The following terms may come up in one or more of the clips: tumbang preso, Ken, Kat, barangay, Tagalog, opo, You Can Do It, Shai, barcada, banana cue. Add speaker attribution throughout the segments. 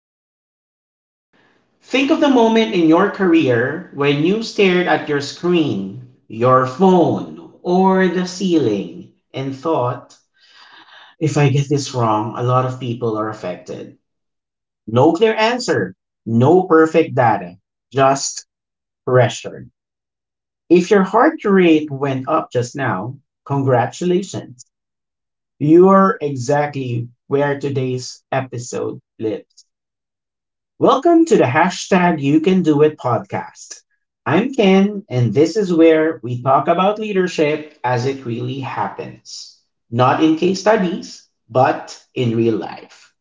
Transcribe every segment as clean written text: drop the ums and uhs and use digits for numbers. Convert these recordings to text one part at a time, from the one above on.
Speaker 1: with honesty. Think of the moment in your career when you stared at your screen, your phone, or the ceiling and thought, if I get this wrong, a lot of people are affected. No clear answer, no perfect data, just pressure. If your heart rate went up just now, congratulations. You're exactly where today's episode lives. Welcome to the hashtag You Can Do It podcast. I'm Ken, and this is where we talk about leadership as it really happens, not in case studies, but in real life.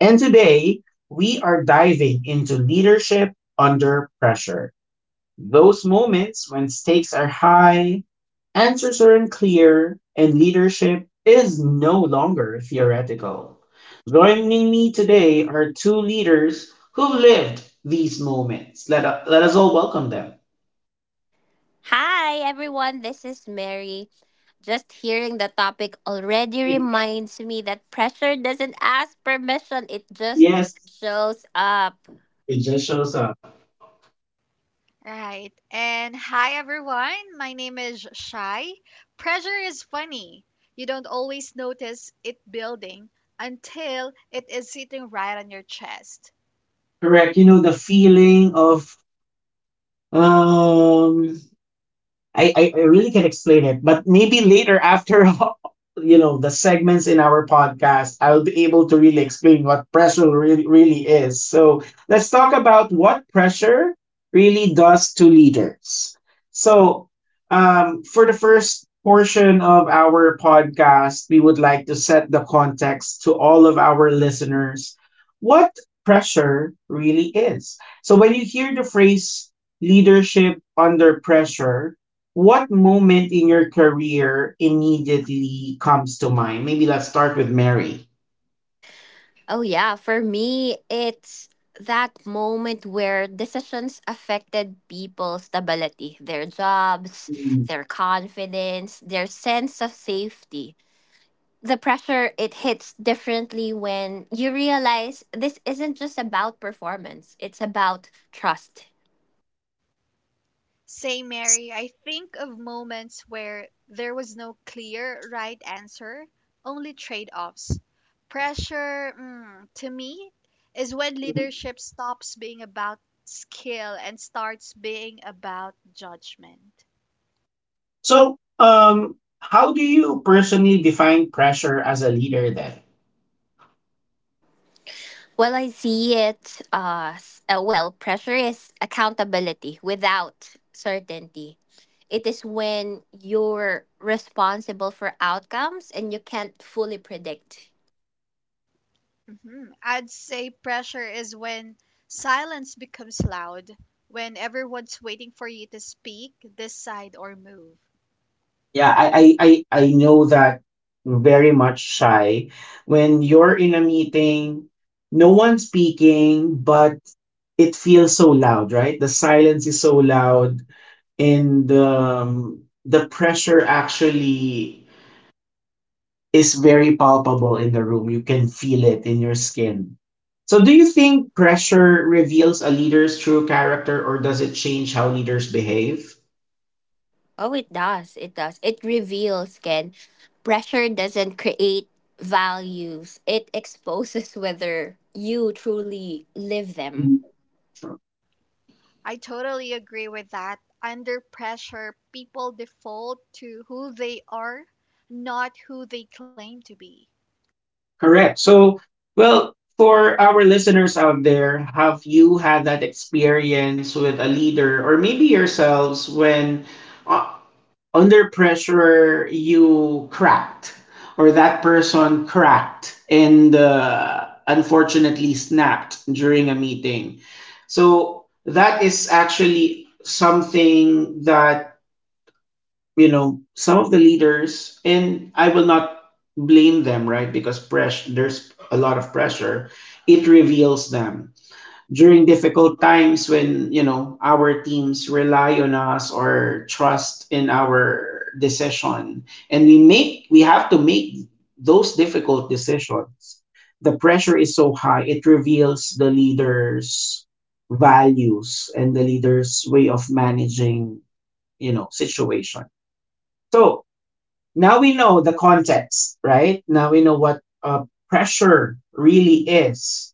Speaker 1: And today, we are diving into leadership under pressure, those moments when stakes are high, answers are unclear, and leadership is no longer theoretical. Joining me today are two leaders who've lived these moments. Let us all welcome them.
Speaker 2: Hi everyone, this is Mary. Just hearing the topic already reminds me that pressure doesn't ask permission, it just
Speaker 1: Yes,
Speaker 2: shows up.
Speaker 1: it just shows up.
Speaker 3: Right. And hi, everyone. My name is Shai. Pressure is funny. You don't always notice it building until it is sitting right on your chest.
Speaker 1: Correct. You know, the feeling of um I really can not explain it, but maybe later after you know the segments in our podcast, I'll be able to really explain what pressure really really is. So let's talk about what pressure really does to leaders. So, for the first portion of our podcast, we would like to set the context to all of our listeners what pressure really is. So when you hear the phrase leadership under pressure, what moment in your career immediately comes to mind? Maybe let's start with Mary.
Speaker 2: Oh, yeah, for me, it's that moment where decisions affected people's stability, their jobs,
Speaker 1: Mm.
Speaker 2: their confidence, their sense of safety. The pressure, it hits differently when you realize this isn't just about performance, it's about trust.
Speaker 3: Say, Mary, I think of moments where there was no clear right answer, only trade offs. Pressure, to me, is when leadership stops being about skill and starts being about judgment.
Speaker 1: So, how do you personally define pressure as a leader then?
Speaker 2: Well, I see it as pressure is accountability without certainty. It is when you're responsible for outcomes and you can't fully predict.
Speaker 3: Mhm. I'd say pressure is when silence becomes loud, when everyone's waiting for you to speak, decide, or move.
Speaker 1: Yeah, I know that very much shy. When you're in a meeting, no one's speaking, but it feels so loud, right? The silence is so loud, and the pressure actually is very palpable in the room. You can feel it in your skin. So, do you think pressure reveals a leader's true character, or does it change how leaders behave?
Speaker 2: Oh, it does. It does. It reveals, Ken. Pressure doesn't create values, it exposes whether you truly live them.
Speaker 1: Mm.
Speaker 3: I totally agree with that. Under pressure, people default to who they are, not who they claim to be.
Speaker 1: Correct. So, well, for our listeners out there, have you had that experience with a leader or maybe yourselves when uh, under pressure you cracked or that person cracked and unfortunately snapped during a meeting? So, that is actually something that some of the leaders, and I will not blame them, right? Because there's a lot of pressure. It reveals them during difficult times when our teams rely on us or trust in our decision. And we have to make those difficult decisions. The pressure is so high, it reveals the leader's values and the leader's way of managing situations. So now we know the context, right? Now we know what pressure really is.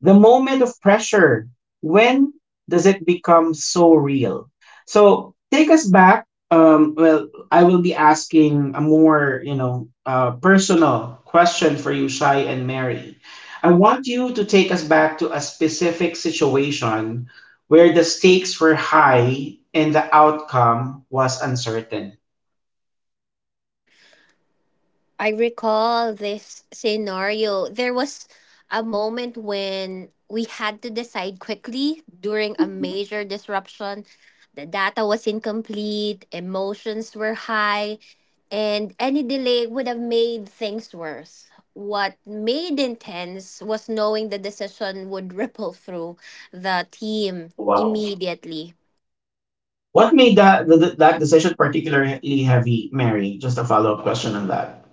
Speaker 1: The moment of pressure, when does it become so real? So take us back. Well, I will be asking a more personal question for you, Shai and Mary. I want you to take us back to a specific situation where the stakes were high and the outcome was uncertain.
Speaker 2: I recall this scenario. There was a moment when we had to decide quickly during a major disruption. The data was incomplete, emotions were high, and any delay would have made things worse. What made intense was knowing the decision would ripple through the team
Speaker 1: Wow.
Speaker 2: immediately.
Speaker 1: What made that decision particularly heavy, Mary? Just a follow up question on that.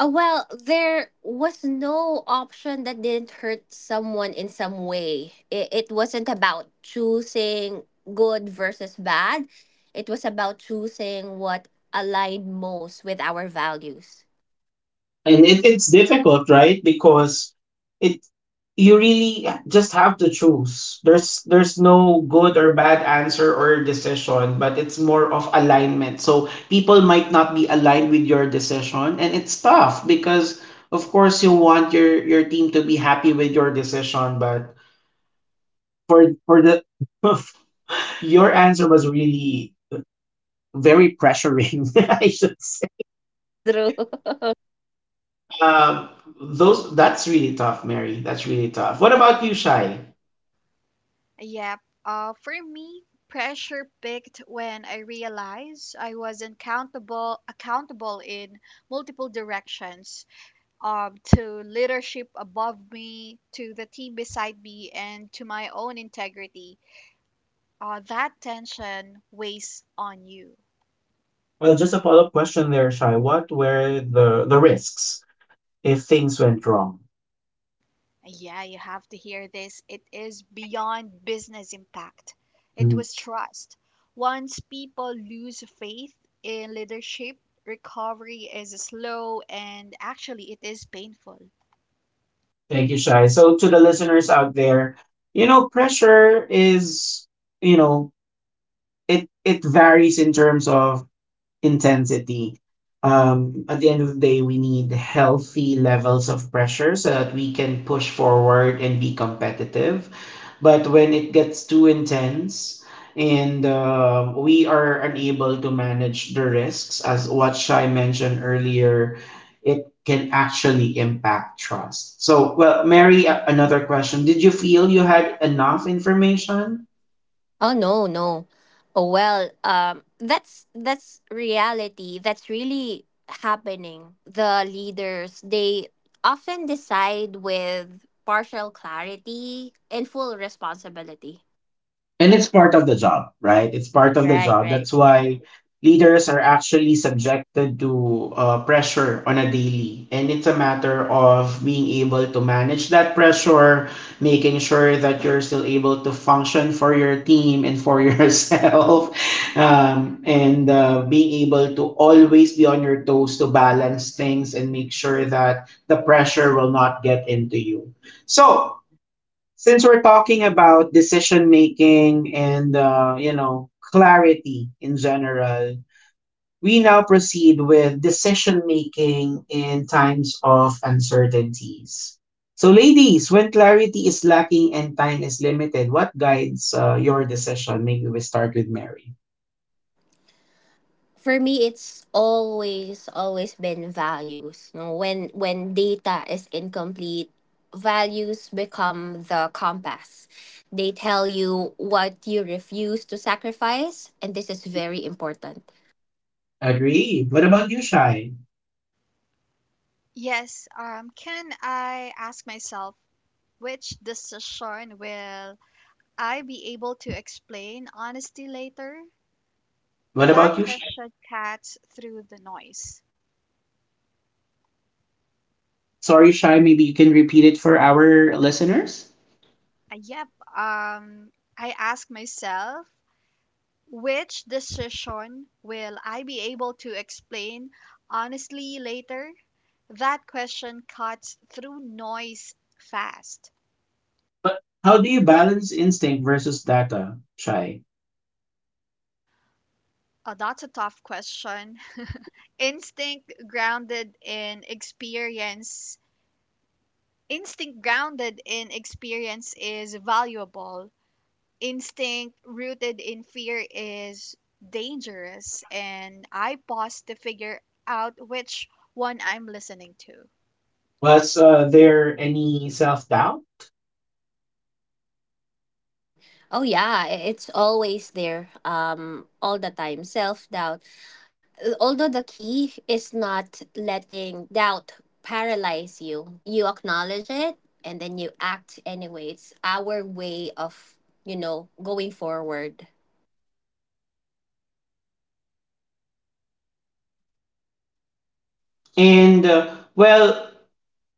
Speaker 2: Oh, well, there was no option that didn't hurt someone in some way. It wasn't about choosing good versus bad, it was about choosing what aligned most with our values.
Speaker 1: And it's difficult, right? Because it you really just have to choose. There's no good or bad answer or decision, but it's more of alignment. So people might not be aligned with your decision, and it's tough because of course you want your team to be happy with your decision. But for the your answer was really very pressuring. I should say.
Speaker 2: Through.
Speaker 1: Um, those that's really tough, Mary. That's really tough. What about you, Shai?
Speaker 3: Yep. For me, pressure peaked when I realized I wasn't accountable in multiple directions. To leadership above me, to the team beside me, and to my own integrity. That tension weighs on you.
Speaker 1: Well, just a follow up question there, Shai. What were the risks if things went wrong?
Speaker 3: Yeah, you have to hear this. It is beyond business impact, it
Speaker 1: Mhm.
Speaker 3: was trust. Once people lose faith in leadership, recovery is slow, and actually it is painful.
Speaker 1: Thank you, Shai. So to the listeners out there, pressure is. You know it it varies in terms of intensity. At the end of the day, we need healthy levels of pressure so that we can push forward and be competitive. But when it gets too intense and we are unable to manage the risks, as what Shai mentioned earlier, it can actually impact trust. So, well, Mary, another question. Did you feel you had enough information?
Speaker 2: Oh no, no. Oh well, that's reality. That's really happening. The leaders, they often decide with partial clarity and full responsibility.
Speaker 1: And it's part of the job, right? It's part of the
Speaker 2: Right,
Speaker 1: job.
Speaker 2: right.
Speaker 1: That's why leaders are actually subjected to pressure on a daily. And it's a matter of being able to manage that pressure, making sure that you're still able to function for your team and for yourself, and being able to always be on your toes to balance things and make sure that the pressure will not get into you. So, since we're talking about decision making and clarity in general, we now proceed with decision making in times of uncertainties. So, ladies, when clarity is lacking and time is limited, what guides your decision? Maybe we start with Mary.
Speaker 2: For me, it's always, always been values. No, when data is incomplete, values become the compass. They tell you what you refuse to sacrifice, and this is very important.
Speaker 1: Agree. What about you, Shai?
Speaker 3: Yes, can I ask myself which decision will I be able to explain honesty later?
Speaker 1: What
Speaker 3: That
Speaker 1: about you, Shai?
Speaker 3: question cuts through the noise.
Speaker 1: Sorry, Shai. Maybe you can repeat it for our listeners.
Speaker 3: Uh, yep, um, I ask myself, which decision will I be able to explain honestly later? That question cuts through noise fast.
Speaker 1: But how do you balance instinct versus data, Shai?
Speaker 3: That's a tough question. Instinct grounded in experience. Instinct grounded in experience is valuable, instinct rooted in fear is dangerous, and I pause to figure out which one I'm listening to.
Speaker 1: Was there any self doubt?
Speaker 2: Oh yeah, it's always there, all the time. Self doubt, although the key is not letting doubt paralyze you, you acknowledge it and then you act anyways. It's our way of, you know, going forward.
Speaker 1: And well,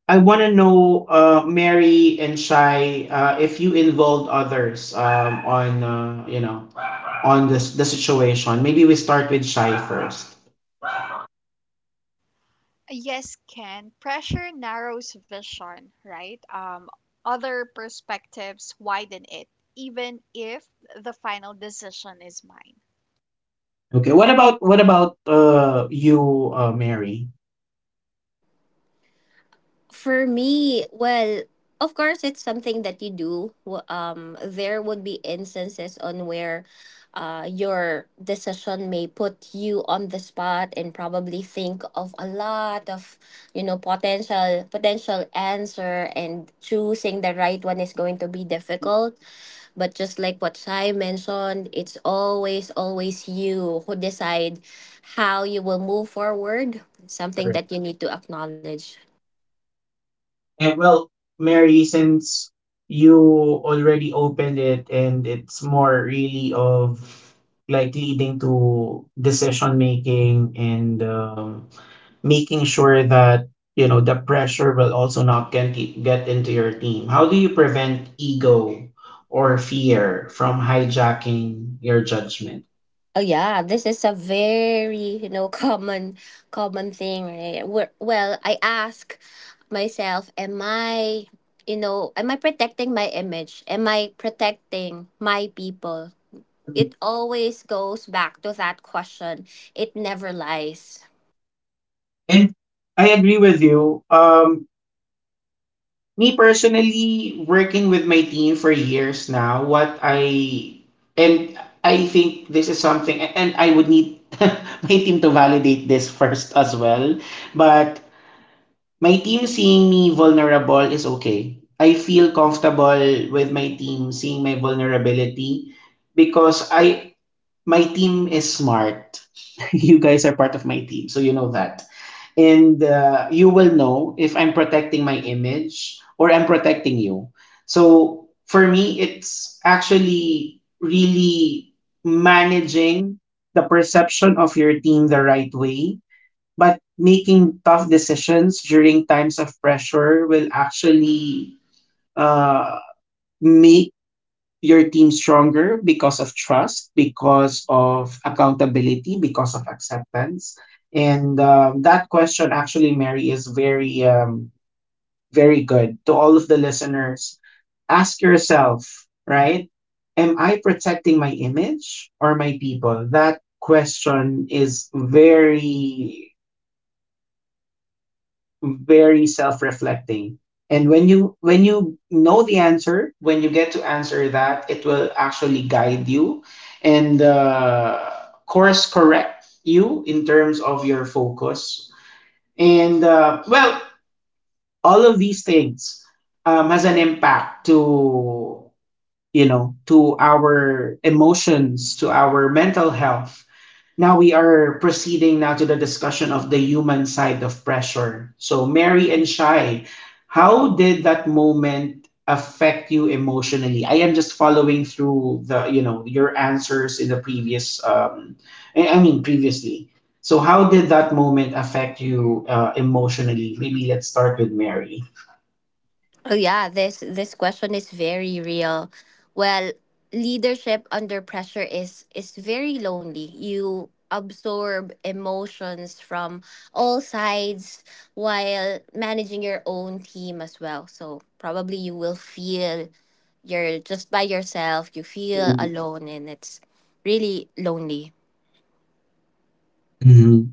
Speaker 1: I want to know, Mary and Shai, if you involved others on you know on this the situation. Maybe we start with Shai first.
Speaker 3: Yes, Ken, pressure narrows vision, right? Other perspectives widen it, even if the final decision is mine.
Speaker 1: Okay. What about you, Mary?
Speaker 2: For me, well, of course, it's something that you do. There would be instances on where your decision may put you on the spot and probably think of a lot of, you know, potential answer, and choosing the right one is going to be difficult. But just like what Shai mentioned, it's always, always you who decide how you will move forward. Something that you need to acknowledge.
Speaker 1: And well, Mary, since you already opened it, and it's more really of like leading to decision making, and making sure that you know the pressure will also not get into your team. How do you prevent ego or fear from hijacking your judgment?
Speaker 2: Oh yeah, this is a very, you know, common thing, right? Well, I ask myself, am I, you know, am I protecting my image? Am I protecting my people? It always goes back to that question. It never lies.
Speaker 1: And I agree with you. Me personally, working with my team for years now, what I and I think this is something, and I would need my team to validate this first as well. But my team seeing me vulnerable is okay. I feel comfortable with my team seeing my vulnerability, because I my team is smart. You guys are part of my team, so you know that, and you will know if I'm protecting my image or I'm protecting you. So for me, it's actually really managing the perception of your team the right way, but making tough decisions during times of pressure will actually uh, make your team stronger because of trust, because of accountability, because of acceptance. And that question, actually, Mary, is very, very good to all of the listeners. Ask yourself, right? Am I protecting my image or my people? That question is very very self-reflecting, and when you know the answer, when you get to answer that, it will actually guide you, and course correct you in terms of your focus. And well, all of these things has an impact to you know to our emotions, to our mental health. Now we are proceeding now to the discussion of the human side of pressure. So Mary and Shy, how did that moment affect you emotionally? I am just following through the you know your answers in the previous, I mean, previously. So how did that moment affect you emotionally? Maybe let's start with Mary.
Speaker 2: Oh yeah, this, question is very real. Well, leadership under pressure is very lonely. You absorb emotions from all sides while managing your own team as well. So probably you will feel you're just by yourself, you feel alone, and it's really lonely.
Speaker 1: Mm-hmm.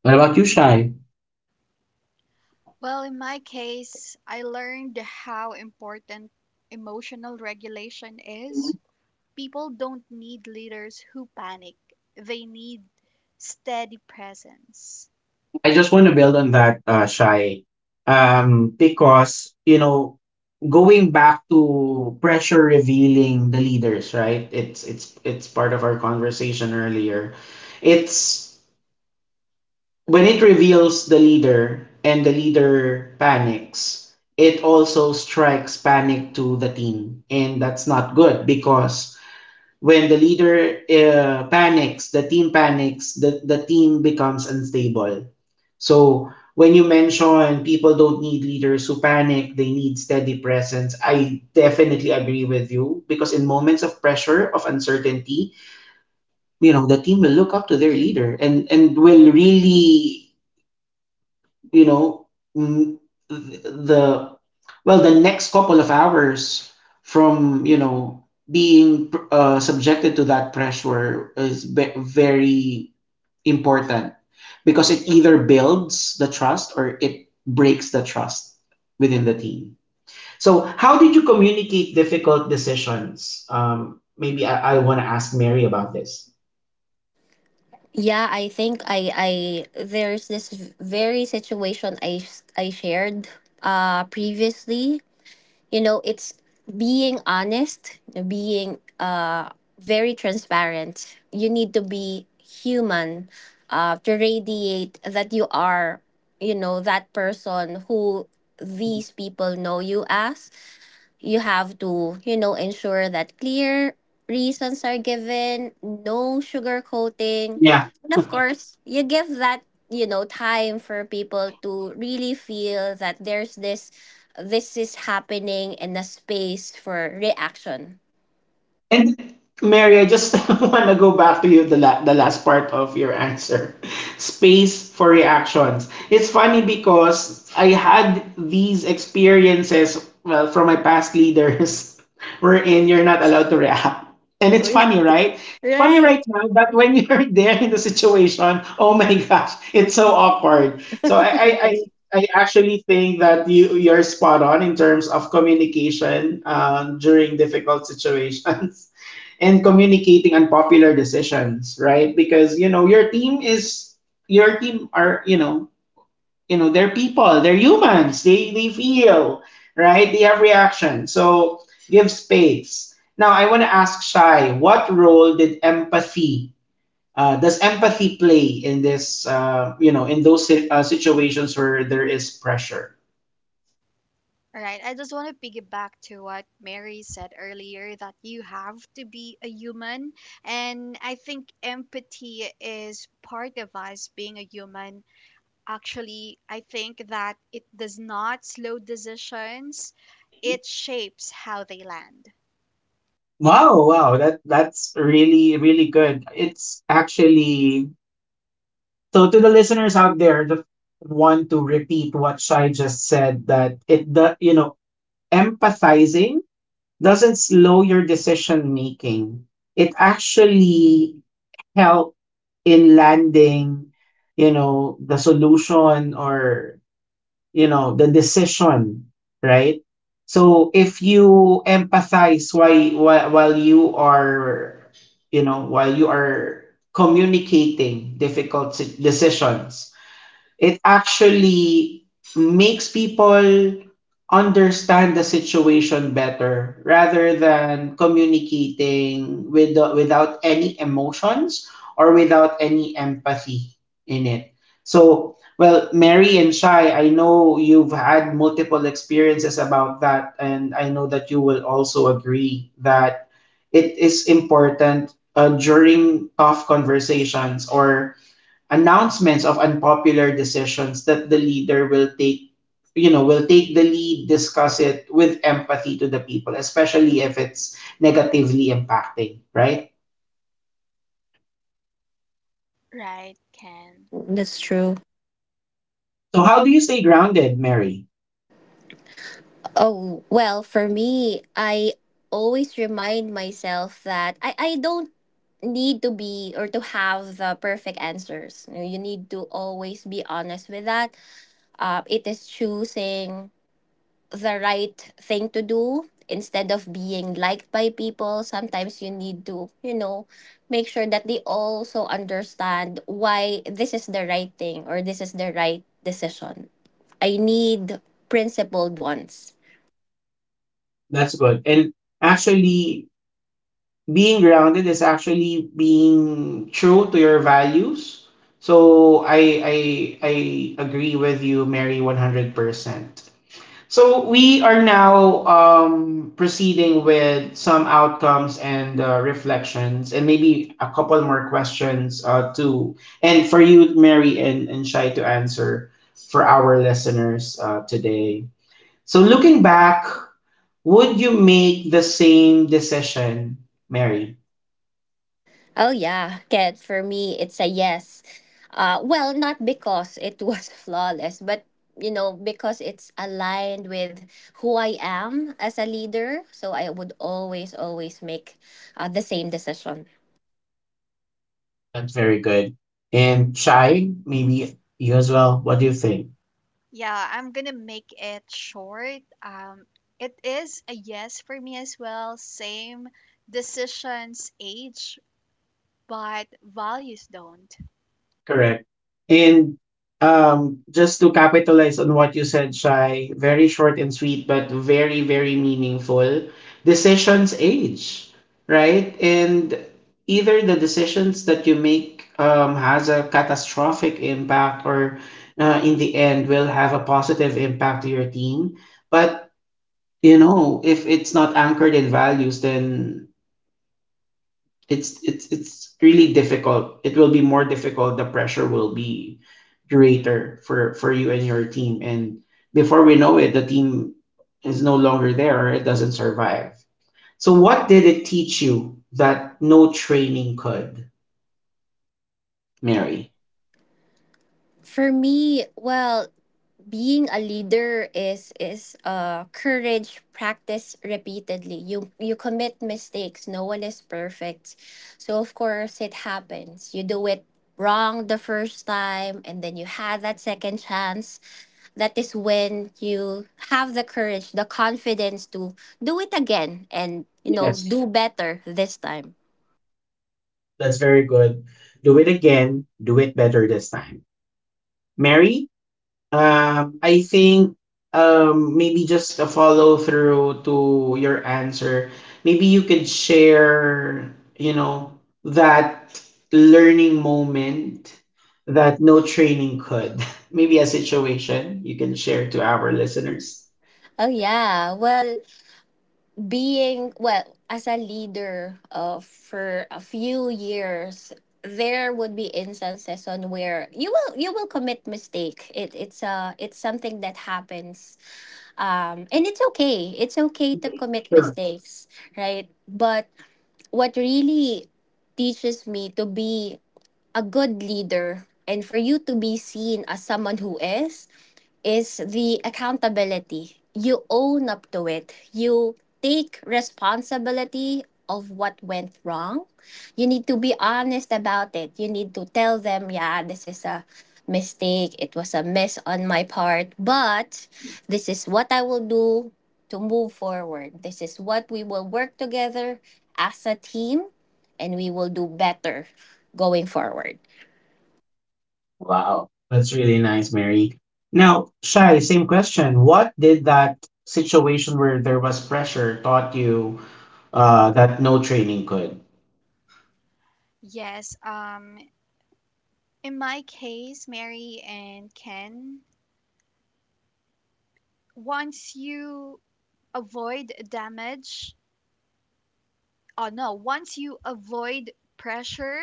Speaker 1: What about you, Shy?
Speaker 3: Well, in my case, I learned how important emotional regulation is. People don't need leaders who panic. They need steady presence.
Speaker 1: I just want to build on that, Shai, because going back to pressure revealing the leaders, right? It's part of our conversation earlier. It's when it reveals the leader and the leader panics, it also strikes panic to the team, and that's not good, because when the leader panics, the team panics, the team becomes unstable. So when you mention people don't need leaders who panic, they need steady presence, I definitely agree with you, because in moments of pressure, of uncertainty, the team will look up to their leader, and will really, you know, mm, the well, the next couple of hours from, being subjected to that pressure is very important, because it either builds the trust or it breaks the trust within the team. So, how did you communicate difficult decisions? Maybe I want to ask Mary about this.
Speaker 2: Yeah, I think I there's this very situation I shared previously. You know, it's being honest, being very transparent. You need to be human, to radiate that you are, you know, that person who these people know you as. You have to, you know, ensure that clear reasons are given, no sugar coating.
Speaker 1: Yeah,
Speaker 2: And of course, you give that, you know, time for people to really feel that there's this this is happening in a space for reaction.
Speaker 1: And Mary, I just want to go back to you, the last part of your answer. Space for reactions. It's funny because I had these experiences, well, from my past leaders wherein you're not allowed to react. And it's funny, right? Funny
Speaker 2: Right.
Speaker 1: right now, but when you're there in the situation, oh my gosh, it's so awkward. So I I, I I actually think that you're spot on in terms of communication during difficult situations and communicating unpopular decisions, right? Because your team are they're people, they're humans, they feel right, they have reaction. So give space. Now I want to ask Shai, what role did empathy does empathy play in this, you know, in those situations where there is pressure?
Speaker 3: All right, I just want to piggyback to what Mary said earlier that you have to be a human. And I think empathy is part of us being a human. Actually, I think that it does not slow decisions, it shapes how they land.
Speaker 1: Wow, that's really good. It's actually so, to the listeners out there that want to repeat what Shai just said, that it the you know empathizing doesn't slow your decision making. It actually help in landing, the solution or the decision, right? So if you empathize, why while you are, while you are communicating decisions, it actually makes people understand the situation better rather than communicating with the, without any emotions or without any empathy in it. So, well, Mary and Shai, I know you've had multiple experiences about that, and I know that you will also agree that it is important during tough conversations or announcements of unpopular decisions that the leader will take will take the lead, discuss it with empathy to the people, especially if it's negatively impacting, right?
Speaker 3: Right, Ken?
Speaker 2: That's true.
Speaker 1: So how do you stay grounded, Mary?
Speaker 2: Oh, well, for me, I always remind myself that I don't need to be or to have the perfect answers. You know, you need to always be honest with that. It is choosing the right thing to do instead of being liked by people. Sometimes you need to, you know, make sure that they also understand why this is the right thing or this is the right decision. I need principled ones.
Speaker 1: That's good, and actually being grounded is actually being true to your values. So i I agree with you, Mary, 100%. So we are now proceeding with some outcomes and reflections, and maybe a couple more questions to and for you, Mary and Shai, to answer for our listeners today. So looking back, would you make the same decision, Mary?
Speaker 2: Oh yeah, Kat, for me it's a yes. Well, not because it was flawless, but you know, because it's aligned with who I am as a leader, so I would always, always make the same decision.
Speaker 1: That's very good. And Shai, maybe you as well. What do you think?
Speaker 3: Yeah, I'm gonna make it short. It is a yes for me as well. Same decisions age, but values don't.
Speaker 1: Correct. And just to capitalize on what you said, Shai, very short and sweet, but very, very meaningful. Decisions age, right? And either the decisions that you make has a catastrophic impact or in the end will have a positive impact to your team. But, you know, if it's not anchored in values, then it's really difficult. It will be more difficult. The pressure will be curator for you and your team, and before we know it, the team is no longer there or it doesn't survive. So what did it teach you that no training could, Mary?
Speaker 2: For me, well, being a leader is uh, courage practice repeatedly. You commit mistakes, no one is perfect, so of course it happens. You do it wrong the first time, and then you had that second chance. That is when you have the courage, the confidence to do it again, and you know,
Speaker 1: Yes,
Speaker 2: do better this time.
Speaker 1: that's very good. Do it again, do it better this time, Mary. I think maybe just a follow through to your answer. Maybe you could share, you know, that learning moment that no training could. Maybe a situation you can share to our listeners.
Speaker 2: Oh yeah, well, being well as a leader, for a few years, there would be instances on where you will commit mistake. It's something that happens. Um, and it's okay, it's okay to commit
Speaker 1: Sure.
Speaker 2: mistakes, right? But what really teaches me to be a good leader, and for you to be seen as someone who is, the accountability. You own up to it. You take responsibility of what went wrong. You need to be honest about it. You need to tell them, yeah, this is a mistake. It was a miss on my part, but this is what I will do to move forward. This is what we will work together as a team, and we will do better going forward.
Speaker 1: Wow. That's really nice, Mary. Now, Shai, same question. What did that situation where there was pressure taught you that no training could?
Speaker 3: Yes, in my case, Mary and Ken, once you avoid damage, oh no, once you avoid pressure,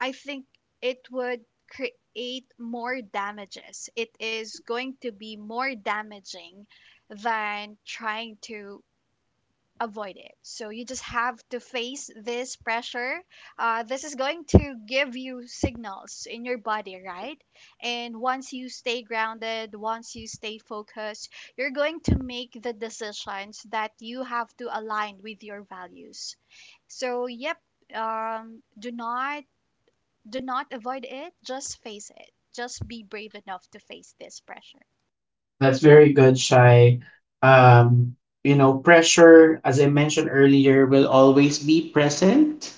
Speaker 3: I think it would create more damages. It is going to be more damaging than trying to avoid it. So you just have to face this pressure. This is going to give you signals in your body, right? And once you stay grounded, once you stay focused, you're going to make the decisions that you have to align with your values. So, yep, um, do not do not avoid it, just face it, just be brave enough to face this pressure.
Speaker 1: That's very good, Shy. Um, you know, pressure, as I mentioned earlier, will always be present,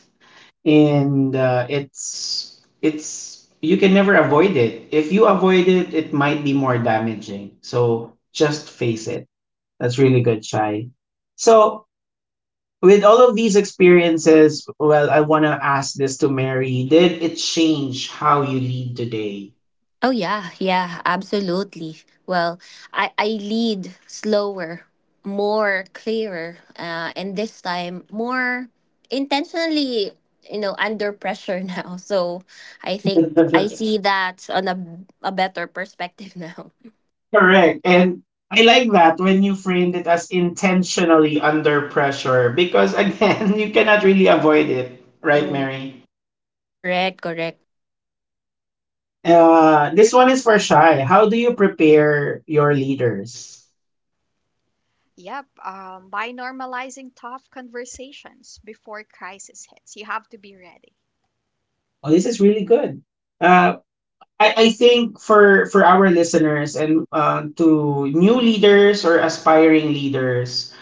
Speaker 1: and it's you can never avoid it. If you avoid it, it might be more damaging. So just face it. That's really good, Shy. So with all of these experiences, well, I want to ask this to Mary. Did it change how you lead today?
Speaker 2: Oh yeah, yeah, absolutely. Well, I lead slower, more clearer, and this time more intentionally, you know, under pressure now. So I think I see that on a better perspective now.
Speaker 1: Correct. And I like that when you framed it as intentionally under pressure because, again, you cannot really avoid it, right,
Speaker 2: True.
Speaker 1: Mary?
Speaker 2: Correct. Correct.
Speaker 1: This one is for Shy. How do you prepare your leaders?
Speaker 3: Yep, by normalizing tough conversations before crisis hits, you have to be ready.
Speaker 1: Oh, this is really good. Uh, I think for our listeners and to new leaders or aspiring leaders,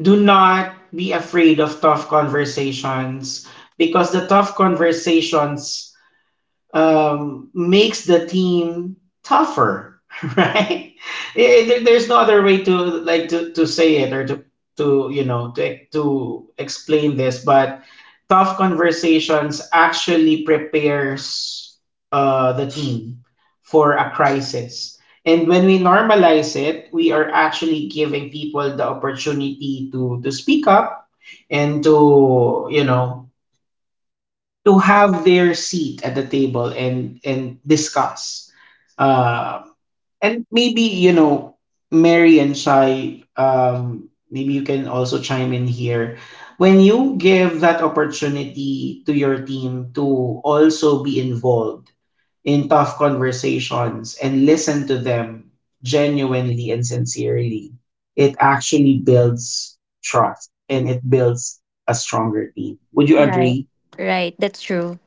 Speaker 1: do not be afraid of tough conversations because the tough conversations makes the team tougher, right? There's no other way to to say it or to to explain this, but tough conversations actually prepares the team for a crisis. And when we normalize it, we are actually giving people the opportunity to speak up and to to have their seat at the table and discuss. Um, and maybe you know, Mary and Shai, maybe you can also chime in here. When you give that opportunity to your team to also be involved in tough conversations and listen to them genuinely and sincerely, it actually builds trust and it builds a stronger team. Would you
Speaker 2: Right.
Speaker 1: agree?
Speaker 2: Right. That's true.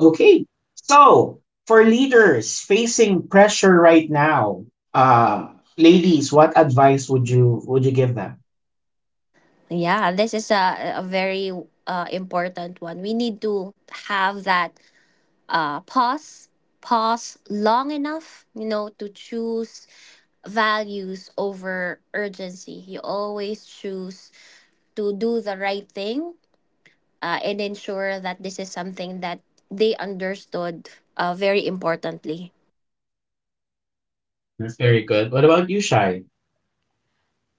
Speaker 1: Okay. So, for leaders facing pressure right now, uh, ladies, what advice would you give them?
Speaker 2: Yeah, this is a very important one. We need to have that uh, pause pause long enough, you know, to choose values over urgency. You always choose to do the right thing, and ensure that this is something that they understood, very importantly.
Speaker 1: That's very good. What about you, Shai?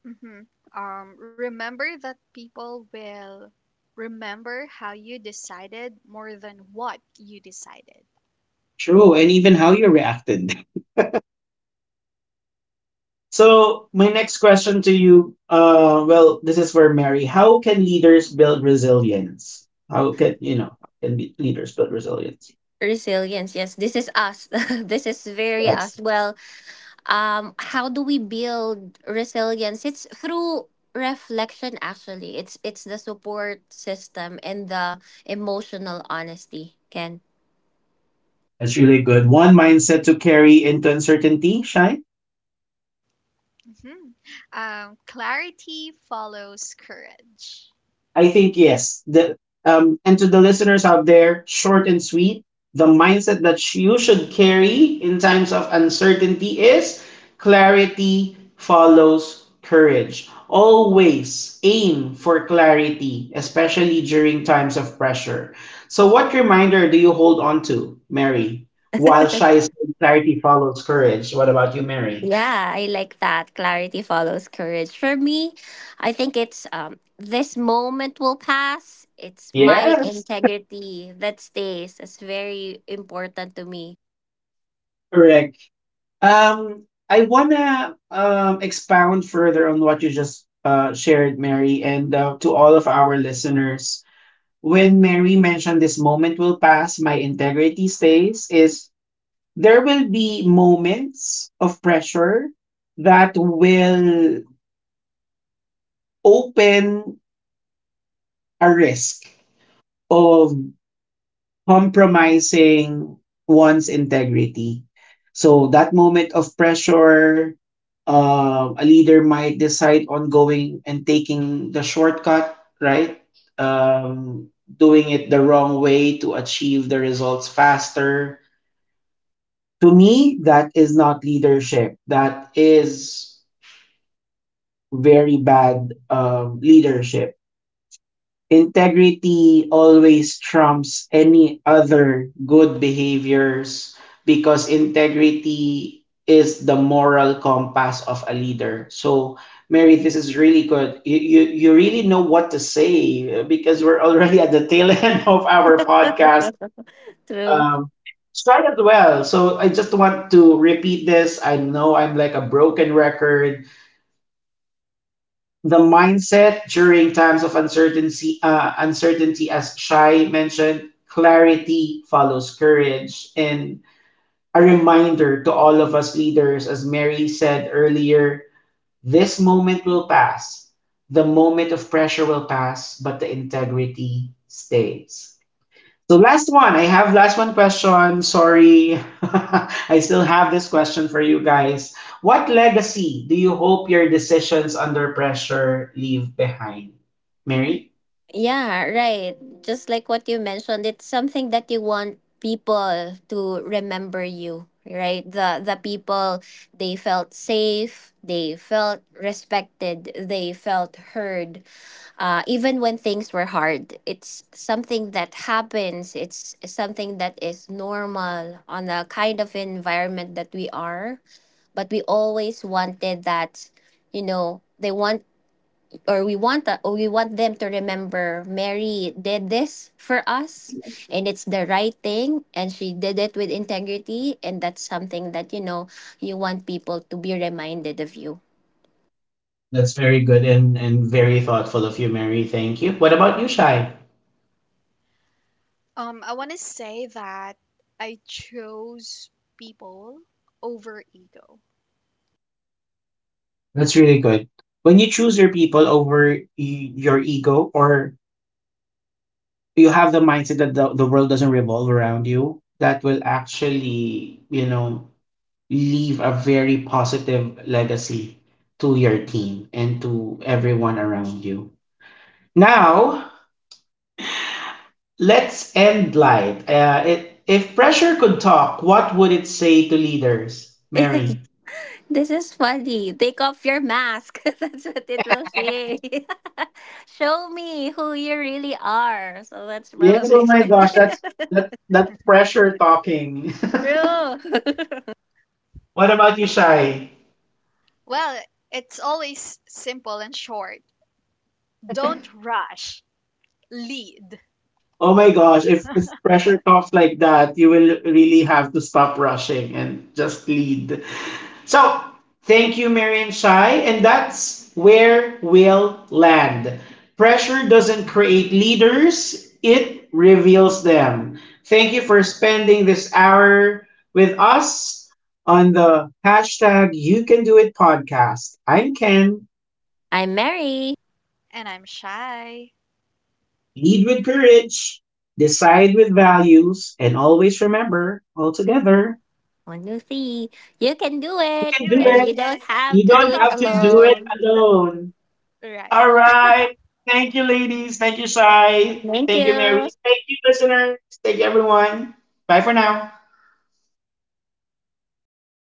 Speaker 3: hmm remember that people will remember how you decided more than what you decided.
Speaker 1: True, and even how you reacted. So, my next question to you, well, this is for Mary. How can leaders build resilience? How can you know? How leaders build resilience?
Speaker 2: Resilience, yes, this is us. This is very us.
Speaker 1: Yes,
Speaker 2: Well, um, how do we build resilience? It's through reflection, actually. It's the support system and the emotional honesty, Ken.
Speaker 1: that's really good. One mindset to carry into uncertainty, Shai.
Speaker 3: hmm clarity follows courage.
Speaker 1: I think yes. The and to the listeners out there, short and sweet, the mindset that you should carry in times of uncertainty is clarity follows courage. Always aim for clarity, especially during times of pressure. So what reminder do you hold on to, Mary? While Shai said clarity follows courage. What about you, Mary?
Speaker 2: Yeah, I like that, clarity follows courage. For me, I think it's, um, this moment will pass, it's my
Speaker 1: Yes.
Speaker 2: integrity that stays. It's very important to me.
Speaker 1: Correct. I wanna expound further on what you just shared, Mary, and to all of our listeners. When Mary mentioned this moment will pass, my integrity stays, is there will be moments of pressure that will open a risk of compromising one's integrity. So that moment of pressure, a leader might decide on going and taking the shortcut, right? Doing it the wrong way to achieve the results faster. To me, that is not leadership. That is very bad leadership. Integrity always trumps any other good behaviors because integrity is the moral compass of a leader. So, Mary, this is really good. You really know what to say because we're already at the tail end of our podcast.
Speaker 2: True.
Speaker 1: Um, strike as well. So, I just want to repeat this. I know I'm like a broken record. The mindset during times of uncertainty, as Shai mentioned, clarity follows courage. And a reminder to all of us leaders, as Mary said earlier, this moment will pass, the moment of pressure will pass, but the integrity stays.
Speaker 2: Correct.
Speaker 1: So
Speaker 2: Correct.
Speaker 1: last one, I have last one question. Sorry, I still have this question for you guys. What legacy do you hope your decisions under pressure leave behind, Mary?
Speaker 2: Yeah, right. Just like what you mentioned, it's something that you want people to remember you, right? The people, they felt safe, they felt respected, they felt heard. Even when things were hard, it's something that happens. It's something that is normal on the kind of environment that we are. But we always wanted that, you know, they want or we want that, or we want them to remember Mary did this for us, and it's the right thing, and she did it with integrity, and that's something that, you know, you want people to be reminded of you.
Speaker 1: That's very good and very thoughtful of you, Mary. Thank you. What about you, Shai?
Speaker 3: I want to say that I chose people over ego.
Speaker 1: That's really good. When you choose your people over your ego, or you have the mindset that the world doesn't revolve around you, that will actually, you know, leave a very positive legacy to your team and to everyone around you. Now, let's end light. If pressure could talk, what would it say to leaders? Mary.
Speaker 2: This is funny. Take off your mask. That's what it will say. Show me who you really are. So that's
Speaker 1: Yes,
Speaker 2: probably
Speaker 1: oh my
Speaker 2: something.
Speaker 1: gosh, that's that that pressure talking.
Speaker 2: True.
Speaker 1: What about you, Shai?
Speaker 3: Well, it's always simple and short. Don't rush, lead.
Speaker 1: Oh my gosh, if pressure talks like that, you will really have to stop rushing and just lead. So, thank you, Marian Shai. And that's where we'll land. Pressure doesn't create leaders, it reveals them. Thank you for spending this hour with us on the hashtag You Can Do It podcast. I'm Ken.
Speaker 2: I'm Mary.
Speaker 3: And I'm shy.
Speaker 1: Lead with courage, decide with values, and always remember, all together,
Speaker 2: One, two, three! You can do
Speaker 1: you can
Speaker 2: it,
Speaker 3: Do
Speaker 1: do
Speaker 2: and
Speaker 3: it
Speaker 1: it.
Speaker 2: you don't
Speaker 3: and
Speaker 2: have
Speaker 1: You
Speaker 2: to do
Speaker 1: don't
Speaker 2: it
Speaker 3: up
Speaker 1: have to
Speaker 3: to
Speaker 1: do it
Speaker 2: alone.
Speaker 1: alone.
Speaker 3: the Right.
Speaker 1: All right. Thank you, ladies. Thank you, Shai.
Speaker 2: Thank
Speaker 1: Thank you,
Speaker 2: you.
Speaker 1: Mary. Thank you, listeners. Thank you, everyone. Bye for now.